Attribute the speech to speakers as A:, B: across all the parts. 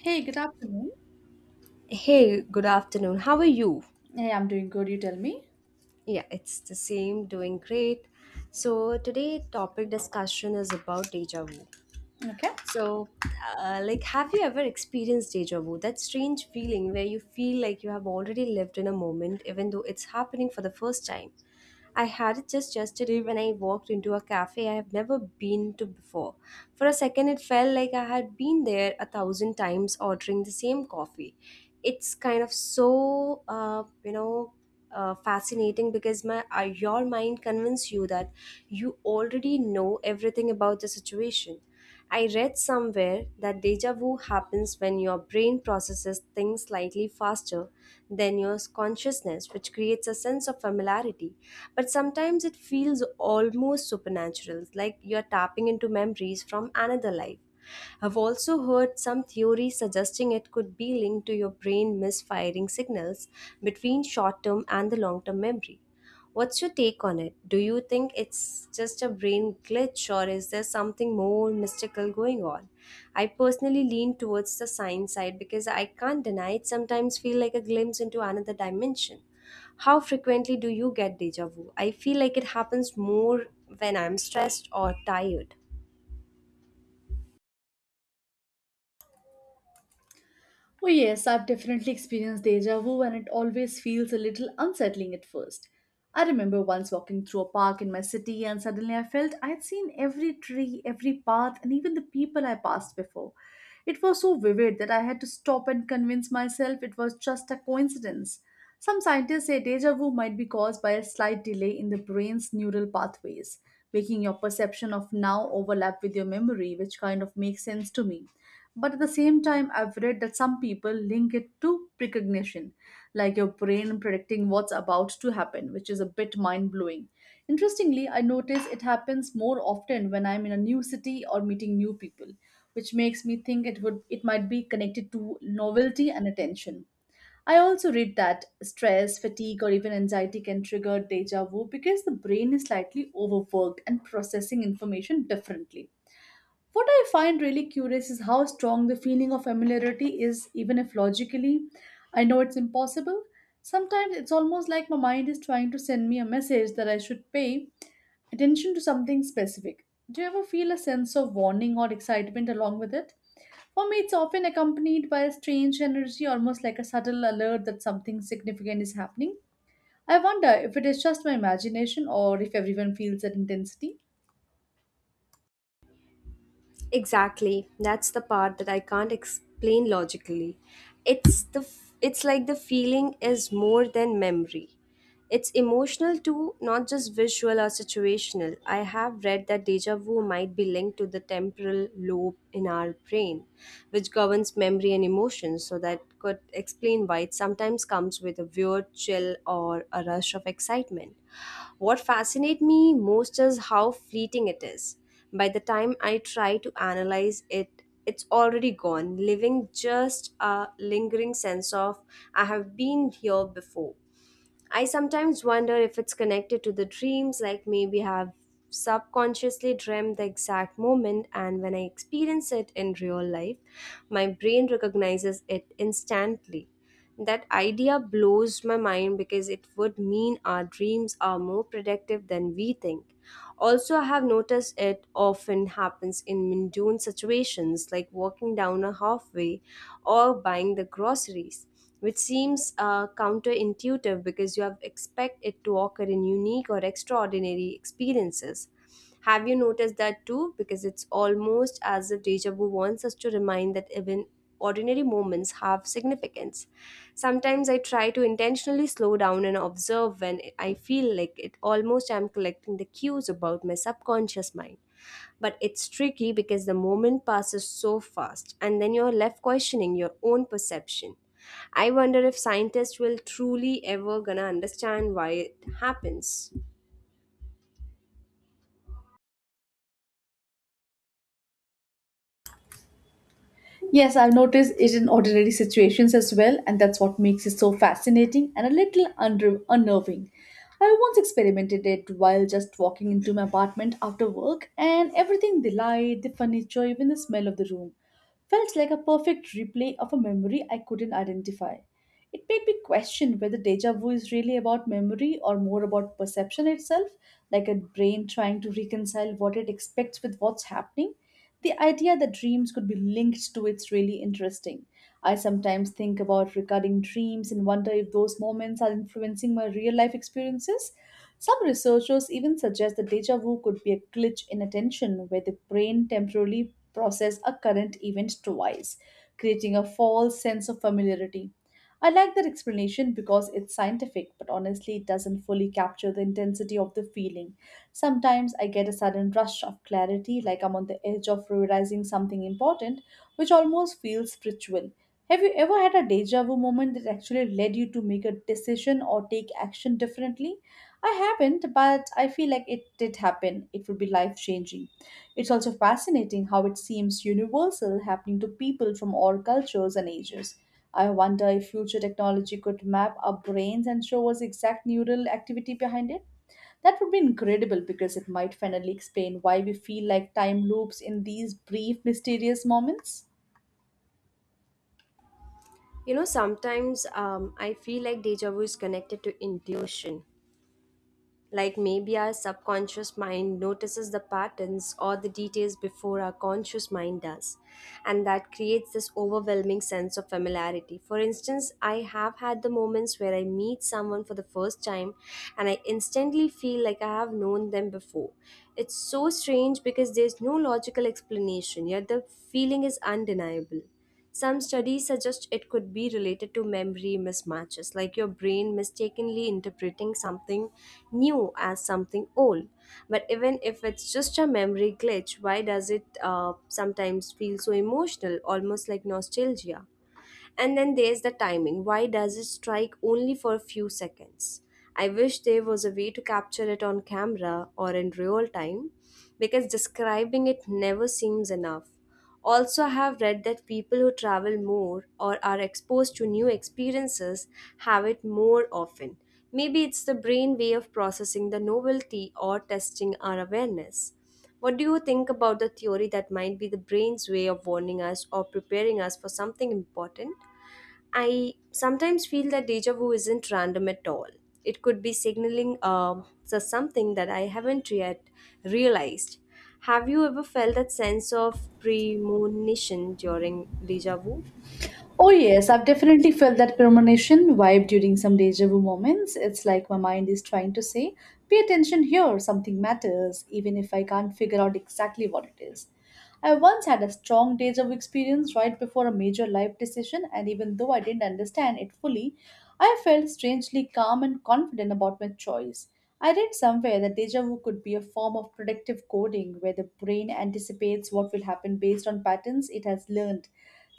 A: Hey, good afternoon.
B: Hey, good afternoon. How are you?
A: Hey, I'm doing good. You tell me.
B: Yeah, it's the same, doing great. So, today topic discussion is about deja vu.
A: Okay.
B: So, have you ever experienced deja vu? That strange feeling where you feel like you have already lived in a moment, even though it's happening for the first time. I had it just yesterday when I walked into a cafe I have never been to before. For a second, it felt like I had been there a thousand times ordering the same coffee. It's kind of so, you know, Fascinating because my your mind convinces you that you already know everything about the situation. I read somewhere that deja vu happens when your brain processes things slightly faster than your consciousness, which creates a sense of familiarity. But sometimes it feels almost supernatural, like you're tapping into memories from another life. I've also heard some theories suggesting it could be linked to your brain misfiring signals between short term and the long term memory. What's your take on it? Do you think it's just a brain glitch or is there something more mystical going on? I personally lean towards the science side because I can't deny it sometimes feel like a glimpse into another dimension. How frequently do you get deja vu? I feel like it happens more when I'm stressed or tired.
A: Oh, yes, I've definitely experienced deja vu, and it always feels a little unsettling at first. I remember once walking through a park in my city, and suddenly I felt I'd seen every tree, every path, and even the people I passed before. It was so vivid that I had to stop and convince myself it was just a coincidence. Some scientists say deja vu might be caused by a slight delay in the brain's neural pathways, making your perception of now overlap with your memory, which kind of makes sense to me. But at the same time, I've read that some people link it to precognition, like your brain predicting what's about to happen, which is a bit mind blowing. Interestingly, I notice it happens more often when I'm in a new city or meeting new people, which makes me think it would it might be connected to novelty and attention. I also read that stress, fatigue, or even anxiety can trigger deja vu because the brain is slightly overworked and processing information differently. What I find really curious is how strong the feeling of familiarity is, even if logically I know it's impossible. Sometimes it's almost like my mind is trying to send me a message that I should pay attention to something specific. Do you ever feel a sense of warning or excitement along with it? For me, it's often accompanied by a strange energy, almost like a subtle alert that something significant is happening. I wonder if it is just my imagination or if everyone feels that intensity.
B: Exactly. That's the part that I can't explain logically. It's like the feeling is more than memory. It's emotional too, not just visual or situational. I have read that deja vu might be linked to the temporal lobe in our brain, which governs memory and emotions, so that could explain why it sometimes comes with a weird chill or a rush of excitement. What fascinates me most is how fleeting it is. By the time I try to analyze it, it's already gone, leaving just a lingering sense of I have been here before. I sometimes wonder if it's connected to the dreams, like maybe I've subconsciously dreamt the exact moment, and when I experience it in real life, my brain recognizes it instantly. That idea blows my mind because it would mean our dreams are more predictive than we think. Also, I have noticed it often happens in mundane situations like walking down a halfway or buying the groceries, which seems counterintuitive because you have expect it to occur in unique or extraordinary experiences. Have you noticed that too? Because it's almost as if deja vu wants us to remind that even ordinary moments have significance. Sometimes I try to intentionally slow down and observe when I feel like it almost I'm collecting the cues about my subconscious mind. But it's tricky because the moment passes so fast, and then you're left questioning your own perception. I wonder if scientists will truly ever gonna understand why it happens.
A: Yes, I've noticed it in ordinary situations as well, and that's what makes it so fascinating and a little unnerving. I once experimented it while just walking into my apartment after work, and everything the light, the furniture, even the smell of the room felt like a perfect replay of a memory I couldn't identify. It made me question whether deja vu is really about memory or more about perception itself, like a brain trying to reconcile what it expects with what's happening. The idea that dreams could be linked to it's really interesting. I sometimes think about recurring dreams and wonder if those moments are influencing my real life experiences. Some researchers even suggest that deja vu could be a glitch in attention where the brain temporarily processes a current event twice, creating a false sense of familiarity. I like that explanation because it's scientific, but honestly, it doesn't fully capture the intensity of the feeling. Sometimes I get a sudden rush of clarity, like I'm on the edge of realizing something important, which almost feels spiritual. Have you ever had a deja vu moment that actually led you to make a decision or take action differently? I haven't, but I feel like it did happen. It would be life changing. It's also fascinating how it seems universal, happening to people from all cultures and ages. I wonder if future technology could map our brains and show us exact neural activity behind it. That would be incredible because it might finally explain why we feel like time loops in these brief, mysterious moments.
B: You know, sometimes I feel like deja vu is connected to intuition. Like maybe our subconscious mind notices the patterns or the details before our conscious mind does. And that creates this overwhelming sense of familiarity. For instance, I have had the moments where I meet someone for the first time and I instantly feel like I have known them before. It's so strange because there's no logical explanation, yet the feeling is undeniable. Some studies suggest it could be related to memory mismatches, like your brain mistakenly interpreting something new as something old. But even if it's just a memory glitch, why does it sometimes feel so emotional, almost like nostalgia? And then there's the timing. Why does it strike only for a few seconds? I wish there was a way to capture it on camera or in real time because describing it never seems enough. Also, I have read that people who travel more or are exposed to new experiences have it more often. Maybe it's the brain way of processing the novelty or testing our awareness. What do you think about the theory that might be the brain's way of warning us or preparing us for something important? I sometimes feel that deja vu isn't random at all. It could be signaling so something that I haven't yet realized. Have you ever felt that sense of premonition during deja vu?
A: Oh, yes, I've definitely felt that premonition vibe during some deja vu moments. It's like my mind is trying to say, pay attention here, something matters, even if I can't figure out exactly what it is. I once had a strong deja vu experience right before a major life decision, and even though I didn't understand it fully, I felt strangely calm and confident about my choice. I read somewhere that deja vu could be a form of predictive coding where the brain anticipates what will happen based on patterns it has learned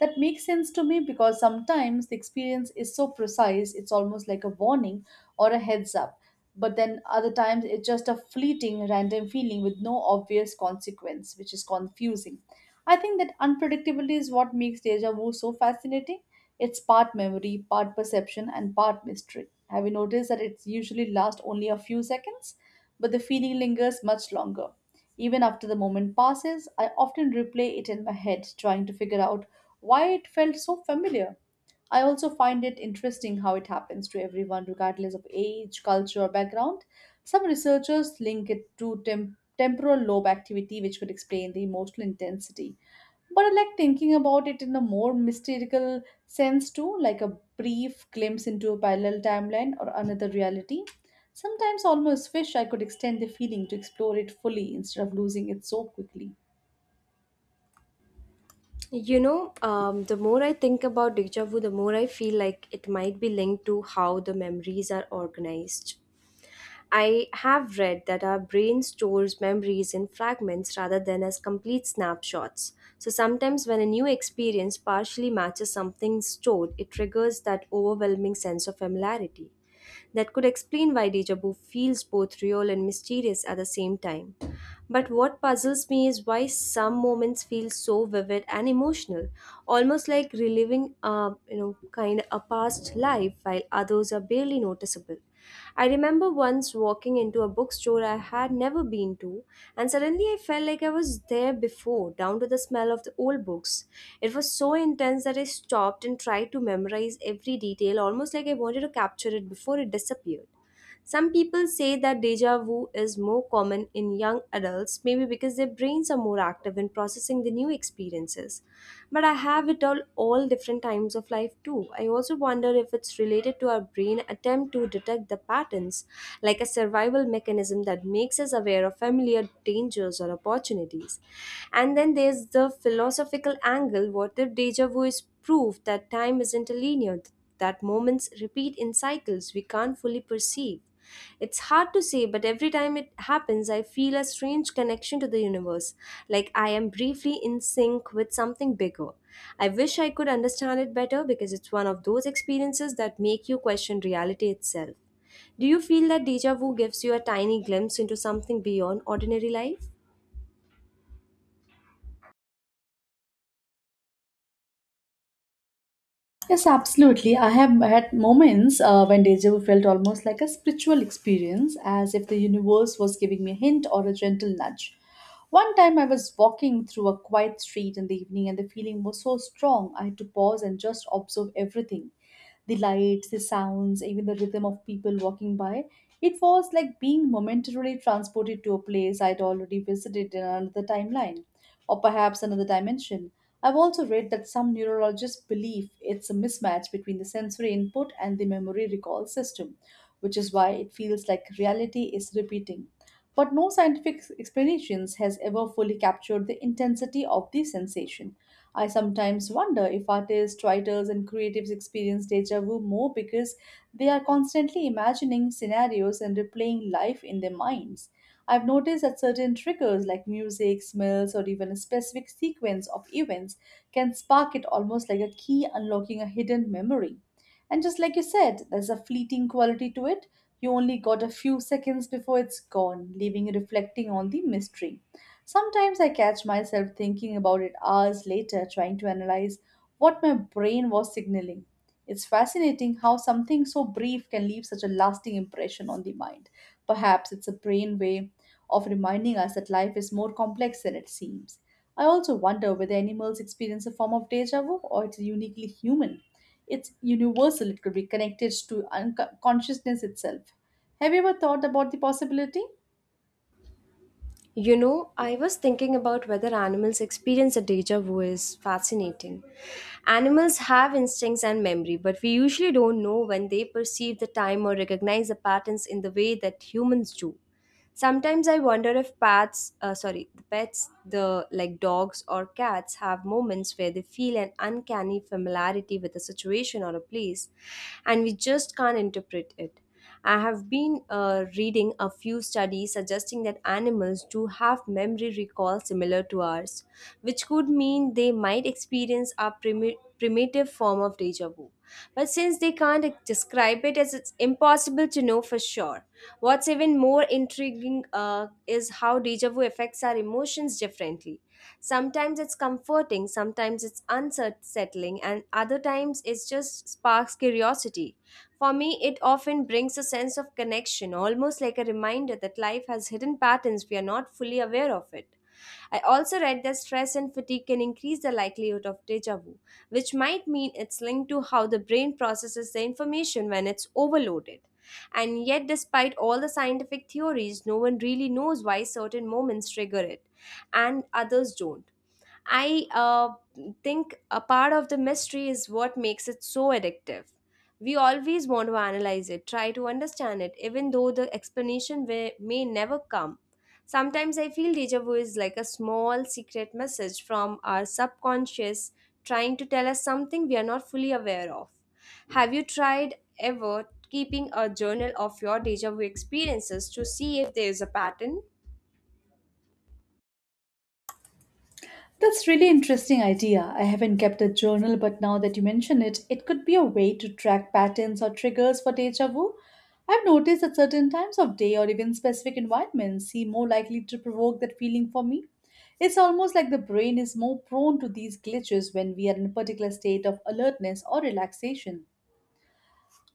A: that makes sense to me because sometimes the experience is so precise, it's almost like a warning or a heads up. But then other times it's just a fleeting, random feeling with no obvious consequence, which is confusing. I think that unpredictability is what makes deja vu so fascinating. It's part memory, part perception, and part mystery. Have you noticed that it's usually lasts only a few seconds, but the feeling lingers much longer? Even after the moment passes, I often replay it in my head, trying to figure out why it felt so familiar. I also find it interesting how it happens to everyone, regardless of age, culture, or background. Some researchers link it to temporal lobe activity, which could explain the emotional intensity. But I like thinking about it in a more mystical sense too, like a brief glimpse into a parallel timeline or another reality. Sometimes almost wish I could extend the feeling to explore it fully instead of losing it so quickly.
B: You know, the more I think about deja vu, the more I feel like it might be linked to how the memories are organized. I have read that our brain stores memories in fragments rather than as complete snapshots. So sometimes, when a new experience partially matches something stored, it triggers that overwhelming sense of familiarity that could explain why deja vu feels both real and mysterious at the same time. But what puzzles me is why some moments feel so vivid and emotional, almost like reliving a you know kind of a past life, while others are barely noticeable. I remember once walking into a bookstore I had never been to, and suddenly I felt like I was there before, down to the smell of the old books. It was so intense that I stopped and tried to memorize every detail, almost like I wanted to capture it before it disappeared. Some people say that deja vu is more common in young adults, maybe because their brains are more active in processing the new experiences. But I have it all different times of life too. I also wonder if it's related to our brain attempt to detect the patterns, like a survival mechanism that makes us aware of familiar dangers or opportunities. And then there's the philosophical angle, what if deja vu is proof that time isn't a linear, that moments repeat in cycles we can't fully perceive. It's hard to say, but every time it happens, I feel a strange connection to the universe, like I am briefly in sync with something bigger. I wish I could understand it better because it's one of those experiences that make you question reality itself. Do you feel that deja vu gives you a tiny glimpse into something beyond ordinary life?
A: Yes, absolutely. I have had moments when deja vu felt almost like a spiritual experience, as if the universe was giving me a hint or a gentle nudge. One time I was walking through a quiet street in the evening, and the feeling was so strong I had to pause and just observe everything the lights, the sounds, even the rhythm of people walking by. It was like being momentarily transported to a place I'd already visited in another timeline, or perhaps another dimension. I've also read that some neurologists believe it's a mismatch between the sensory input and the memory recall system, which is why it feels like reality is repeating. But no scientific explanations has ever fully captured the intensity of the sensation. I sometimes wonder if artists, writers, and creatives experience deja vu more because they are constantly imagining scenarios and replaying life in their minds. I've noticed that certain triggers like music, smells, or even a specific sequence of events can spark it almost like a key unlocking a hidden memory. And just like you said, there's a fleeting quality to it. You only got a few seconds before it's gone, leaving you reflecting on the mystery. Sometimes I catch myself thinking about it hours later, trying to analyze what my brain was signaling. It's fascinating how something so brief can leave such a lasting impression on the mind. Perhaps it's a brain way of reminding us that life is more complex than it seems. I also wonder whether animals experience a form of deja vu or it's uniquely human. It's universal, it could be connected to unconsciousness itself. Have you ever thought about the possibility?
B: You know, I was thinking about whether animals experience a deja vu is fascinating. Animals have instincts and memory, but we usually don't know when they perceive the time or recognize the patterns in the way that humans do. Sometimes I wonder if pets, the like dogs or cats, have moments where they feel an uncanny familiarity with a situation or a place, and we just can't interpret it. I have been reading a few studies suggesting that animals do have memory recall similar to ours, which could mean they might experience a primitive form of deja vu who. But since they can't describe it, as it's impossible to know for sure. What's even more intriguing is how deja vu affects our emotions differently. Sometimes it's comforting, sometimes it's unsettling, and other times it just sparks curiosity. For me, it often brings a sense of connection, almost like a reminder that life has hidden patterns we are not fully aware of it. I also read that stress and fatigue can increase the likelihood of deja vu, which might mean it's linked to how the brain processes the information when it's overloaded. And yet, despite all the scientific theories, no one really knows why certain moments trigger it and others don't. I think a part of the mystery is what makes it so addictive. We always want to analyze it, try to understand it, even though the explanation may never come. Sometimes I feel deja vu is like a small secret message from our subconscious trying to tell us something we are not fully aware of. Have you tried ever keeping a journal of your deja vu experiences to see if there is a pattern?
A: That's really interesting idea. I haven't kept a journal, but now that you mention it, it could be a way to track patterns or triggers for deja vu. I've noticed that certain times of day or even specific environments seem more likely to provoke that feeling for me. It's almost like the brain is more prone to these glitches when we are in a particular state of alertness or relaxation.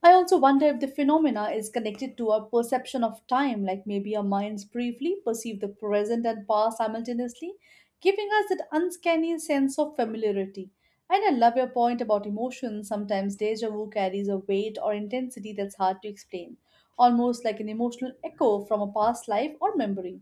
A: I also wonder if the phenomena is connected to our perception of time, like maybe our minds briefly perceive the present and past simultaneously, giving us that uncanny sense of familiarity. And I love your point about emotions. Sometimes deja vu carries a weight or intensity that's hard to explain, almost like an emotional echo from a past life or memory.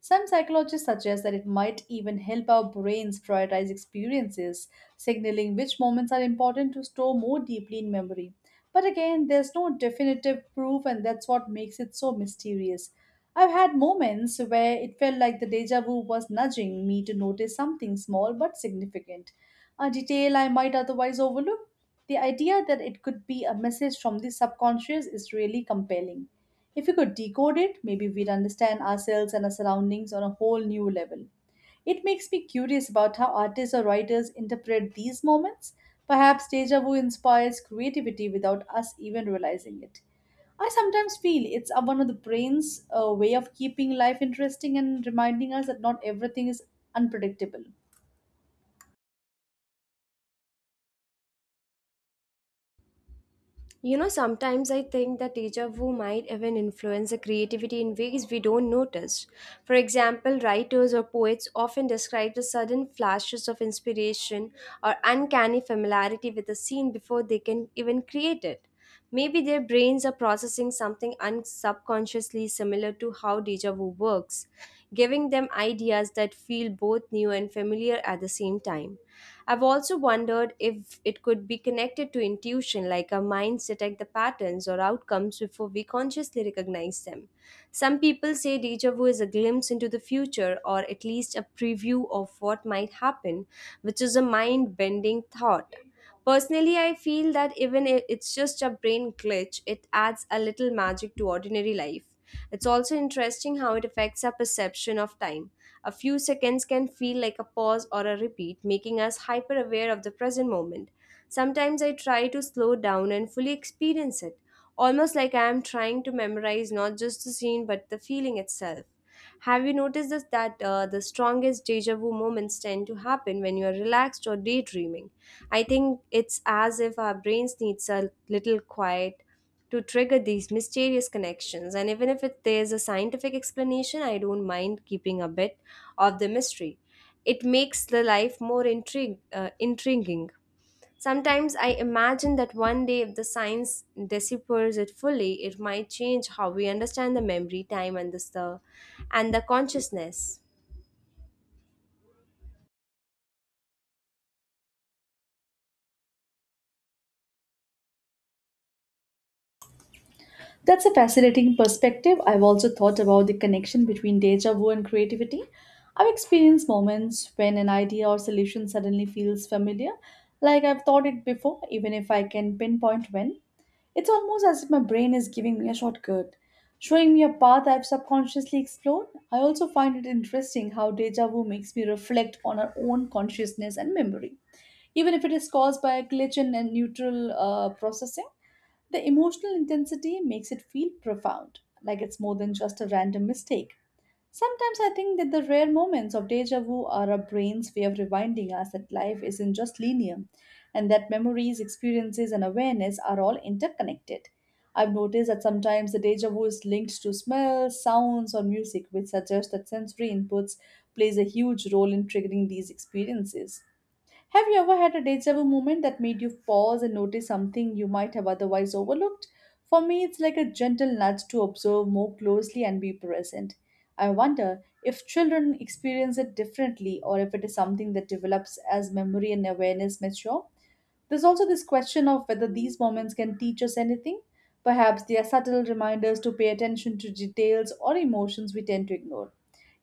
A: Some psychologists suggest that it might even help our brains prioritize experiences, signaling which moments are important to store more deeply in memory. But again, there's no definitive proof, and that's what makes it so mysterious. I've had moments where it felt like the deja vu was nudging me to notice something small but significant, a detail I might otherwise overlook. The idea that it could be a message from the subconscious is really compelling. If we could decode it, maybe we'd understand ourselves and our surroundings on a whole new level. It makes me curious about how artists or writers interpret these moments. Perhaps deja vu inspires creativity without us even realizing it. I sometimes feel one of the brain's way of keeping life interesting and reminding us that not everything is unpredictable.
B: You know, sometimes I think that deja vu might even influence the creativity in ways we don't notice. For example, writers or poets often describe the sudden flashes of inspiration or uncanny familiarity with a scene before they can even create it. Maybe their brains are processing something unsubconsciously similar to how deja vu works, giving them ideas that feel both new and familiar at the same time. I've also wondered if it could be connected to intuition, like our minds detect the patterns or outcomes before we consciously recognize them. Some people say deja vu is a glimpse into the future or at least a preview of what might happen, which is a mind bending thought. Personally, I feel that even if it's just a brain glitch, it adds a little magic to ordinary life. It's also interesting how it affects our perception of time. A few seconds can feel like a pause or a repeat, making us hyper aware of the present moment. Sometimes I try to slow down and fully experience it, almost like I am trying to memorize not just the scene but the feeling itself. Have you noticed this, that the strongest deja vu moments tend to happen when you are relaxed or daydreaming? I think it's as if our brains needs a little quiet to trigger these mysterious connections. And even if it, there's a scientific explanation, I don't mind keeping a bit of the mystery. It makes the life more intriguing. Sometimes I imagine that one day, if the science deciphers it fully, it might change how we understand the memory, time, and the consciousness.
A: That's a fascinating perspective. I've also thought about the connection between deja vu and creativity. I've experienced moments when an idea or solution suddenly feels familiar, like I've thought it before, even if I can pinpoint when. It's almost as if my brain is giving me a shortcut, showing me a path I've subconsciously explored. I also find it interesting how deja vu makes me reflect on our own consciousness and memory, even if it is caused by a glitch in a neutral processing. The emotional intensity makes it feel profound, like it's more than just a random mistake. Sometimes I think that the rare moments of deja vu are our brain's way of reminding us that life isn't just linear and that memories, experiences, and awareness are all interconnected. I've noticed that sometimes the deja vu is linked to smells, sounds, or music, which suggests that sensory inputs plays a huge role in triggering these experiences. Have you ever had a deja vu moment that made you pause and notice something you might have otherwise overlooked? For me, it's like a gentle nudge to observe more closely and be present. I wonder if children experience it differently or if it is something that develops as memory and awareness mature. There's also this question of whether these moments can teach us anything. Perhaps they are subtle reminders to pay attention to details or emotions we tend to ignore.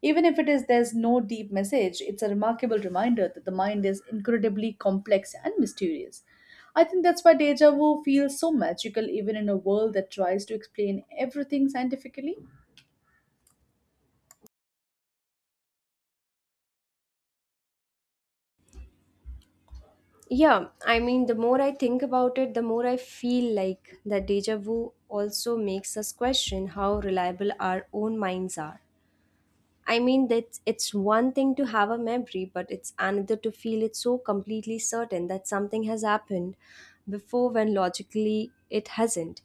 A: Even if it is there's no deep message, it's a remarkable reminder that the mind is incredibly complex and mysterious. I think that's why deja vu feels so magical even in a world that tries to explain everything scientifically.
B: Yeah, I mean, the more I think about it, the more I feel like the deja vu also makes us question how reliable our own minds are. I mean, it's one thing to have a memory, but it's another to feel it so completely certain that something has happened before when logically it hasn't.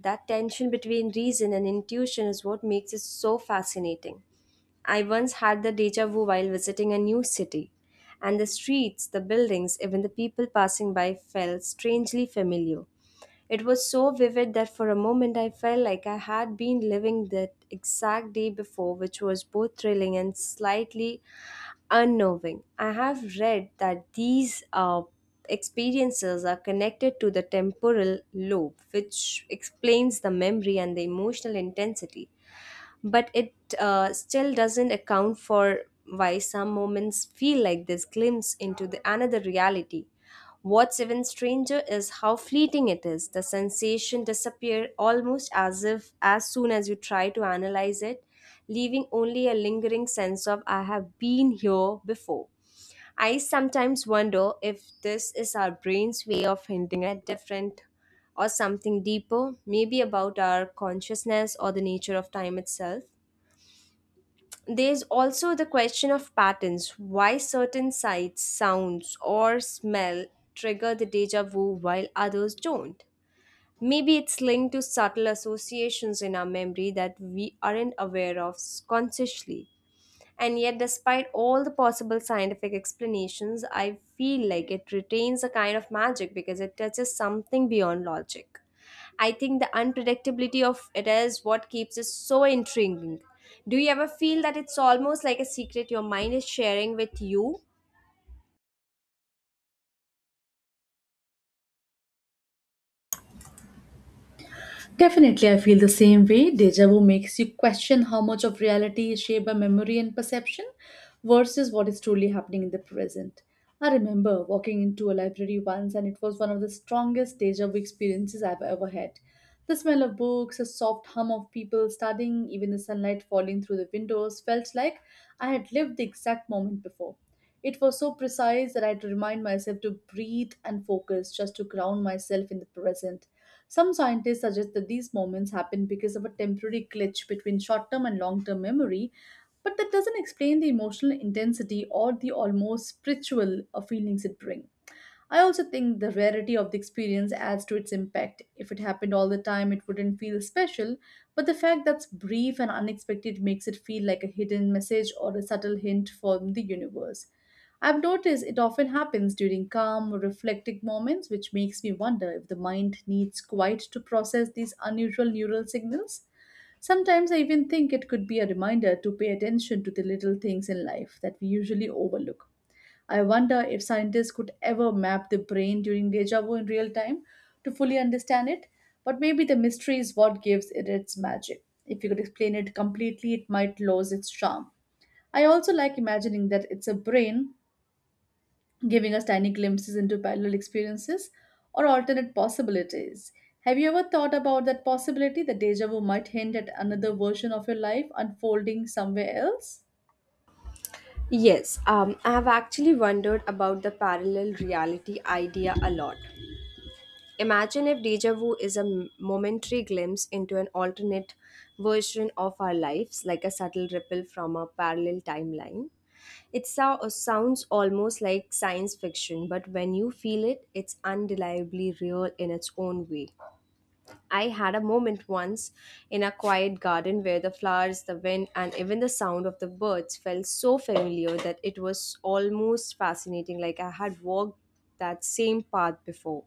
B: That tension between reason and intuition is what makes it so fascinating. I once had the deja vu while visiting a new city, and the streets, the buildings, even the people passing by felt strangely familiar. It was so vivid that for a moment I felt like I had been living that exact day before, which was both thrilling and slightly unnerving. I have read that these experiences are connected to the temporal lobe, which explains the memory and the emotional intensity, but it still doesn't account for why some moments feel like this glimpse into the another reality. What's even stranger is how fleeting it is. The sensation disappear almost as if as soon as you try to analyze it, leaving only a lingering sense of I have been here before. I sometimes wonder if this is our brain's way of hinting at different or something deeper, maybe about our consciousness or the nature of time itself. There's also the question of patterns, why certain sights, sounds, or smell trigger the deja vu while others don't. Maybe it's linked to subtle associations in our memory that we aren't aware of consciously. And yet, despite all the possible scientific explanations, I feel like it retains a kind of magic because it touches something beyond logic. I think the unpredictability of it is what keeps it so intriguing. Do you ever feel that it's almost like a secret your mind is sharing with you?
A: Definitely, I feel the same way. Deja vu makes you question how much of reality is shaped by memory and perception versus what is truly happening in the present. I remember walking into a library once, and it was one of the strongest deja vu experiences I've ever had. The smell of books, a soft hum of people studying, even the sunlight falling through the windows felt like I had lived the exact moment before. It was so precise that I had to remind myself to breathe and focus just to ground myself in the present. Some scientists suggest that these moments happen because of a temporary glitch between short term and long term memory, but that doesn't explain the emotional intensity or the almost spiritual feelings it brings. I also think the rarity of the experience adds to its impact. If it happened all the time, it wouldn't feel special, but the fact that's brief and unexpected makes it feel like a hidden message or a subtle hint from the universe. I've noticed it often happens during calm, reflective moments, which makes me wonder if the mind needs quiet to process these unusual neural signals. Sometimes I even think it could be a reminder to pay attention to the little things in life that we usually overlook. I wonder if scientists could ever map the brain during deja vu in real time to fully understand it, but maybe the mystery is what gives it its magic. If you could explain it completely, it might lose its charm. I also like imagining that it's a brain giving us tiny glimpses into parallel experiences or alternate possibilities. Have you ever thought about that possibility that deja vu might hint at another version of your life unfolding somewhere else?
B: Yes, I have actually wondered about the parallel reality idea a lot. Imagine if deja vu is a momentary glimpse into an alternate version of our lives, like a subtle ripple from a parallel timeline. It sounds almost like science fiction, but when you feel it, it's undeniably real in its own way. I had a moment once in a quiet garden where the flowers, the wind, and even the sound of the birds felt so familiar that it was almost fascinating, like I had walked that same path before.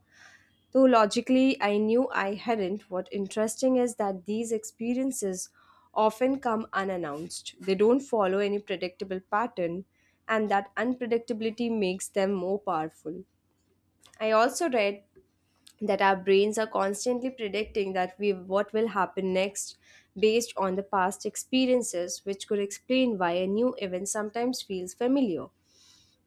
B: Though logically I knew I hadn't, what interesting is that these experiences often come unannounced. They don't follow any predictable pattern, and that unpredictability makes them more powerful. I also read that our brains are constantly predicting that we what will happen next based on the past experiences, which could explain why a new event sometimes feels familiar.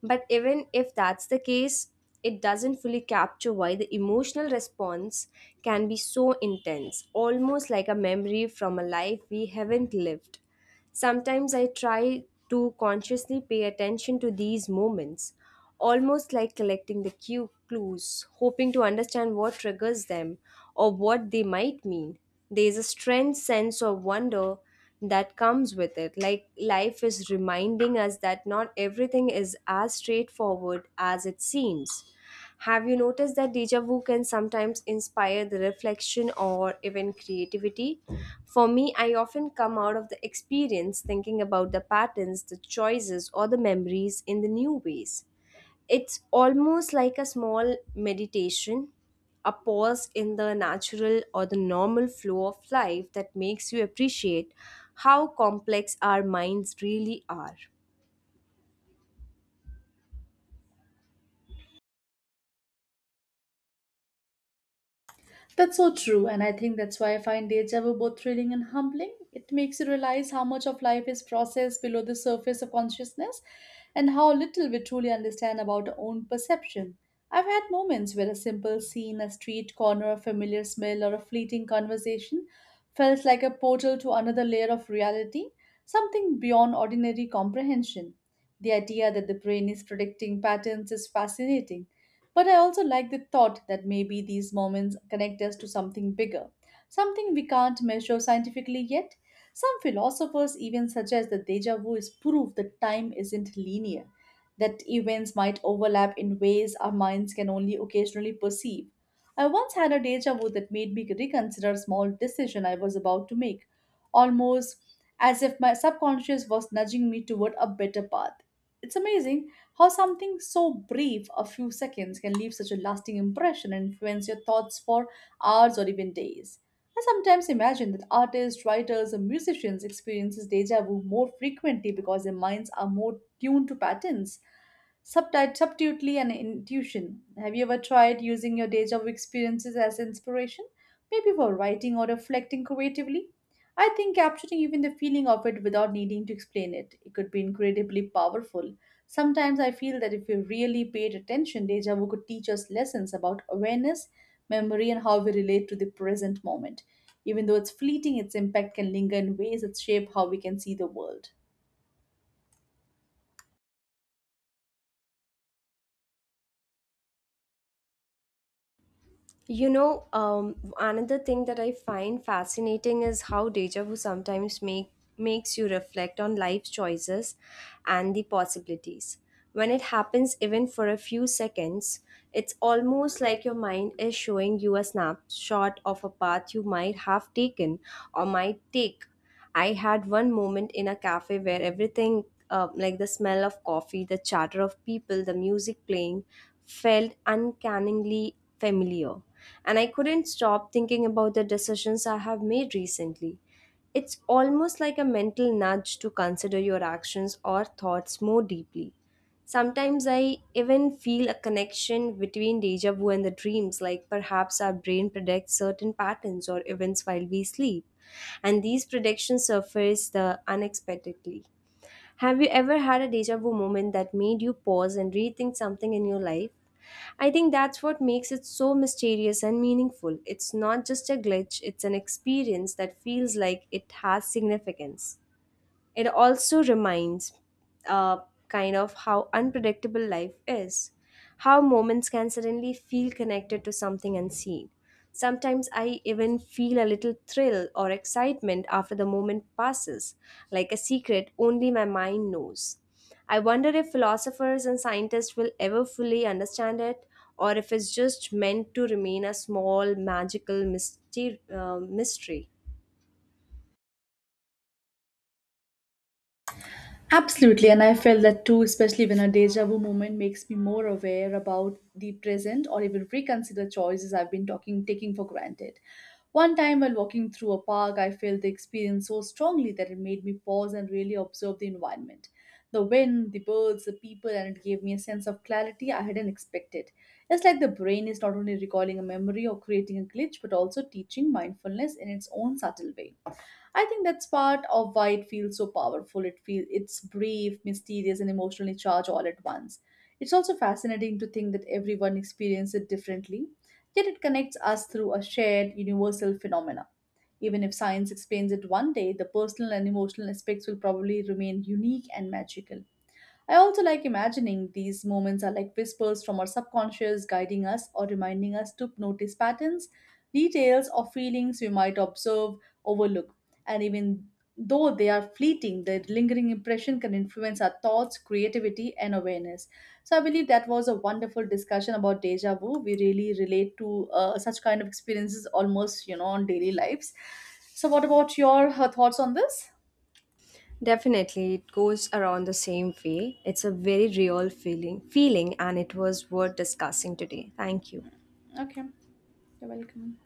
B: But even if that's the case, it doesn't fully capture why the emotional response can be so intense, almost like a memory from a life we haven't lived. Sometimes I try to consciously pay attention to these moments, almost like collecting the cue clues, hoping to understand what triggers them or what they might mean. There's a strange sense of wonder that comes with it, like life is reminding us that not everything is as straightforward as it seems. Have you noticed that deja vu can sometimes inspire the reflection or even creativity? For me, I often come out of the experience thinking about the patterns, the choices, or the memories in the new ways. It's almost like a small meditation, a pause in the natural or the normal flow of life that makes you appreciate how complex our minds really are.
A: That's so true, and I think that's why I find deja vu both thrilling and humbling. It makes you realize how much of life is processed below the surface of consciousness and how little we truly understand about our own perception. I've had moments where a simple scene, a street corner, a familiar smell, or a fleeting conversation felt like a portal to another layer of reality, something beyond ordinary comprehension. The idea that the brain is predicting patterns is fascinating, but I also like the thought that maybe these moments connect us to something bigger, something we can't measure scientifically yet. Some philosophers even suggest that deja vu is proof that time isn't linear, that events might overlap in ways our minds can only occasionally perceive. I once had a deja vu that made me reconsider a small decision I was about to make, almost as if my subconscious was nudging me toward a better path. It's amazing how something so brief, a few seconds, can leave such a lasting impression and influence your thoughts for hours or even days. I sometimes imagine that artists, writers, and musicians experiences deja vu more frequently because their minds are more tuned to patterns subtly and intuition. Have you ever tried using your deja vu experiences as inspiration, maybe for writing or reflecting creatively? I think capturing even the feeling of it without needing to explain it, it could be incredibly powerful. Sometimes I feel that if we really paid attention, deja vu could teach us lessons about awareness, memory, and how we relate to the present moment. Even though it's fleeting, its impact can linger in ways that shape how we can see the world.
B: You know, another thing that I find fascinating is how deja vu sometimes makes you reflect on life's choices and the possibilities. When it happens, even for a few seconds, it's almost like your mind is showing you a snapshot of a path you might have taken or might take. I had one moment in a cafe where everything, like the smell of coffee, the chatter of people, the music playing, felt uncannily familiar. And I couldn't stop thinking about the decisions I have made recently. It's almost like a mental nudge to consider your actions or thoughts more deeply. Sometimes I even feel a connection between deja vu and the dreams, like perhaps our brain predicts certain patterns or events while we sleep, and these predictions surface the unexpectedly. Have you ever had a deja vu moment that made you pause and rethink something in your life? I think that's what makes it so mysterious and meaningful. It's not just a glitch, it's an experience that feels like it has significance. It also reminds uh, kind of how unpredictable life is, how moments can suddenly feel connected to something unseen. Sometimes I even feel a little thrill or excitement after the moment passes, like a secret only my mind knows. I wonder if philosophers and scientists will ever fully understand it, or if it's just meant to remain a small magical mystery.
A: Absolutely, and I felt that too, especially when a deja vu moment makes me more aware about the present or even reconsider choices I've been talking taking for granted. One time while walking through a park, I felt the experience so strongly that it made me pause and really observe the environment. The wind, the birds, the people, and it gave me a sense of clarity I hadn't expected. It's like the brain is not only recalling a memory or creating a glitch, but also teaching mindfulness in its own subtle way. I think that's part of why it feels so powerful. It feels it's brief, mysterious, and emotionally charged all at once. It's also fascinating to think that everyone experiences it differently, yet it connects us through a shared universal phenomena. Even if science explains it one day, the personal and emotional aspects will probably remain unique and magical. I also like imagining these moments are like whispers from our subconscious guiding us or reminding us to notice patterns, details, or feelings we might overlook. And even though they are fleeting, their lingering impression can influence our thoughts, creativity, and awareness. So I believe that was a wonderful discussion about deja vu. We really relate to such kind of experiences almost, you know, on daily lives. So, what about your thoughts on this?
B: Definitely, it goes around the same way. It's a very real feeling, and it was worth discussing today. Thank you.
A: Okay, you're welcome.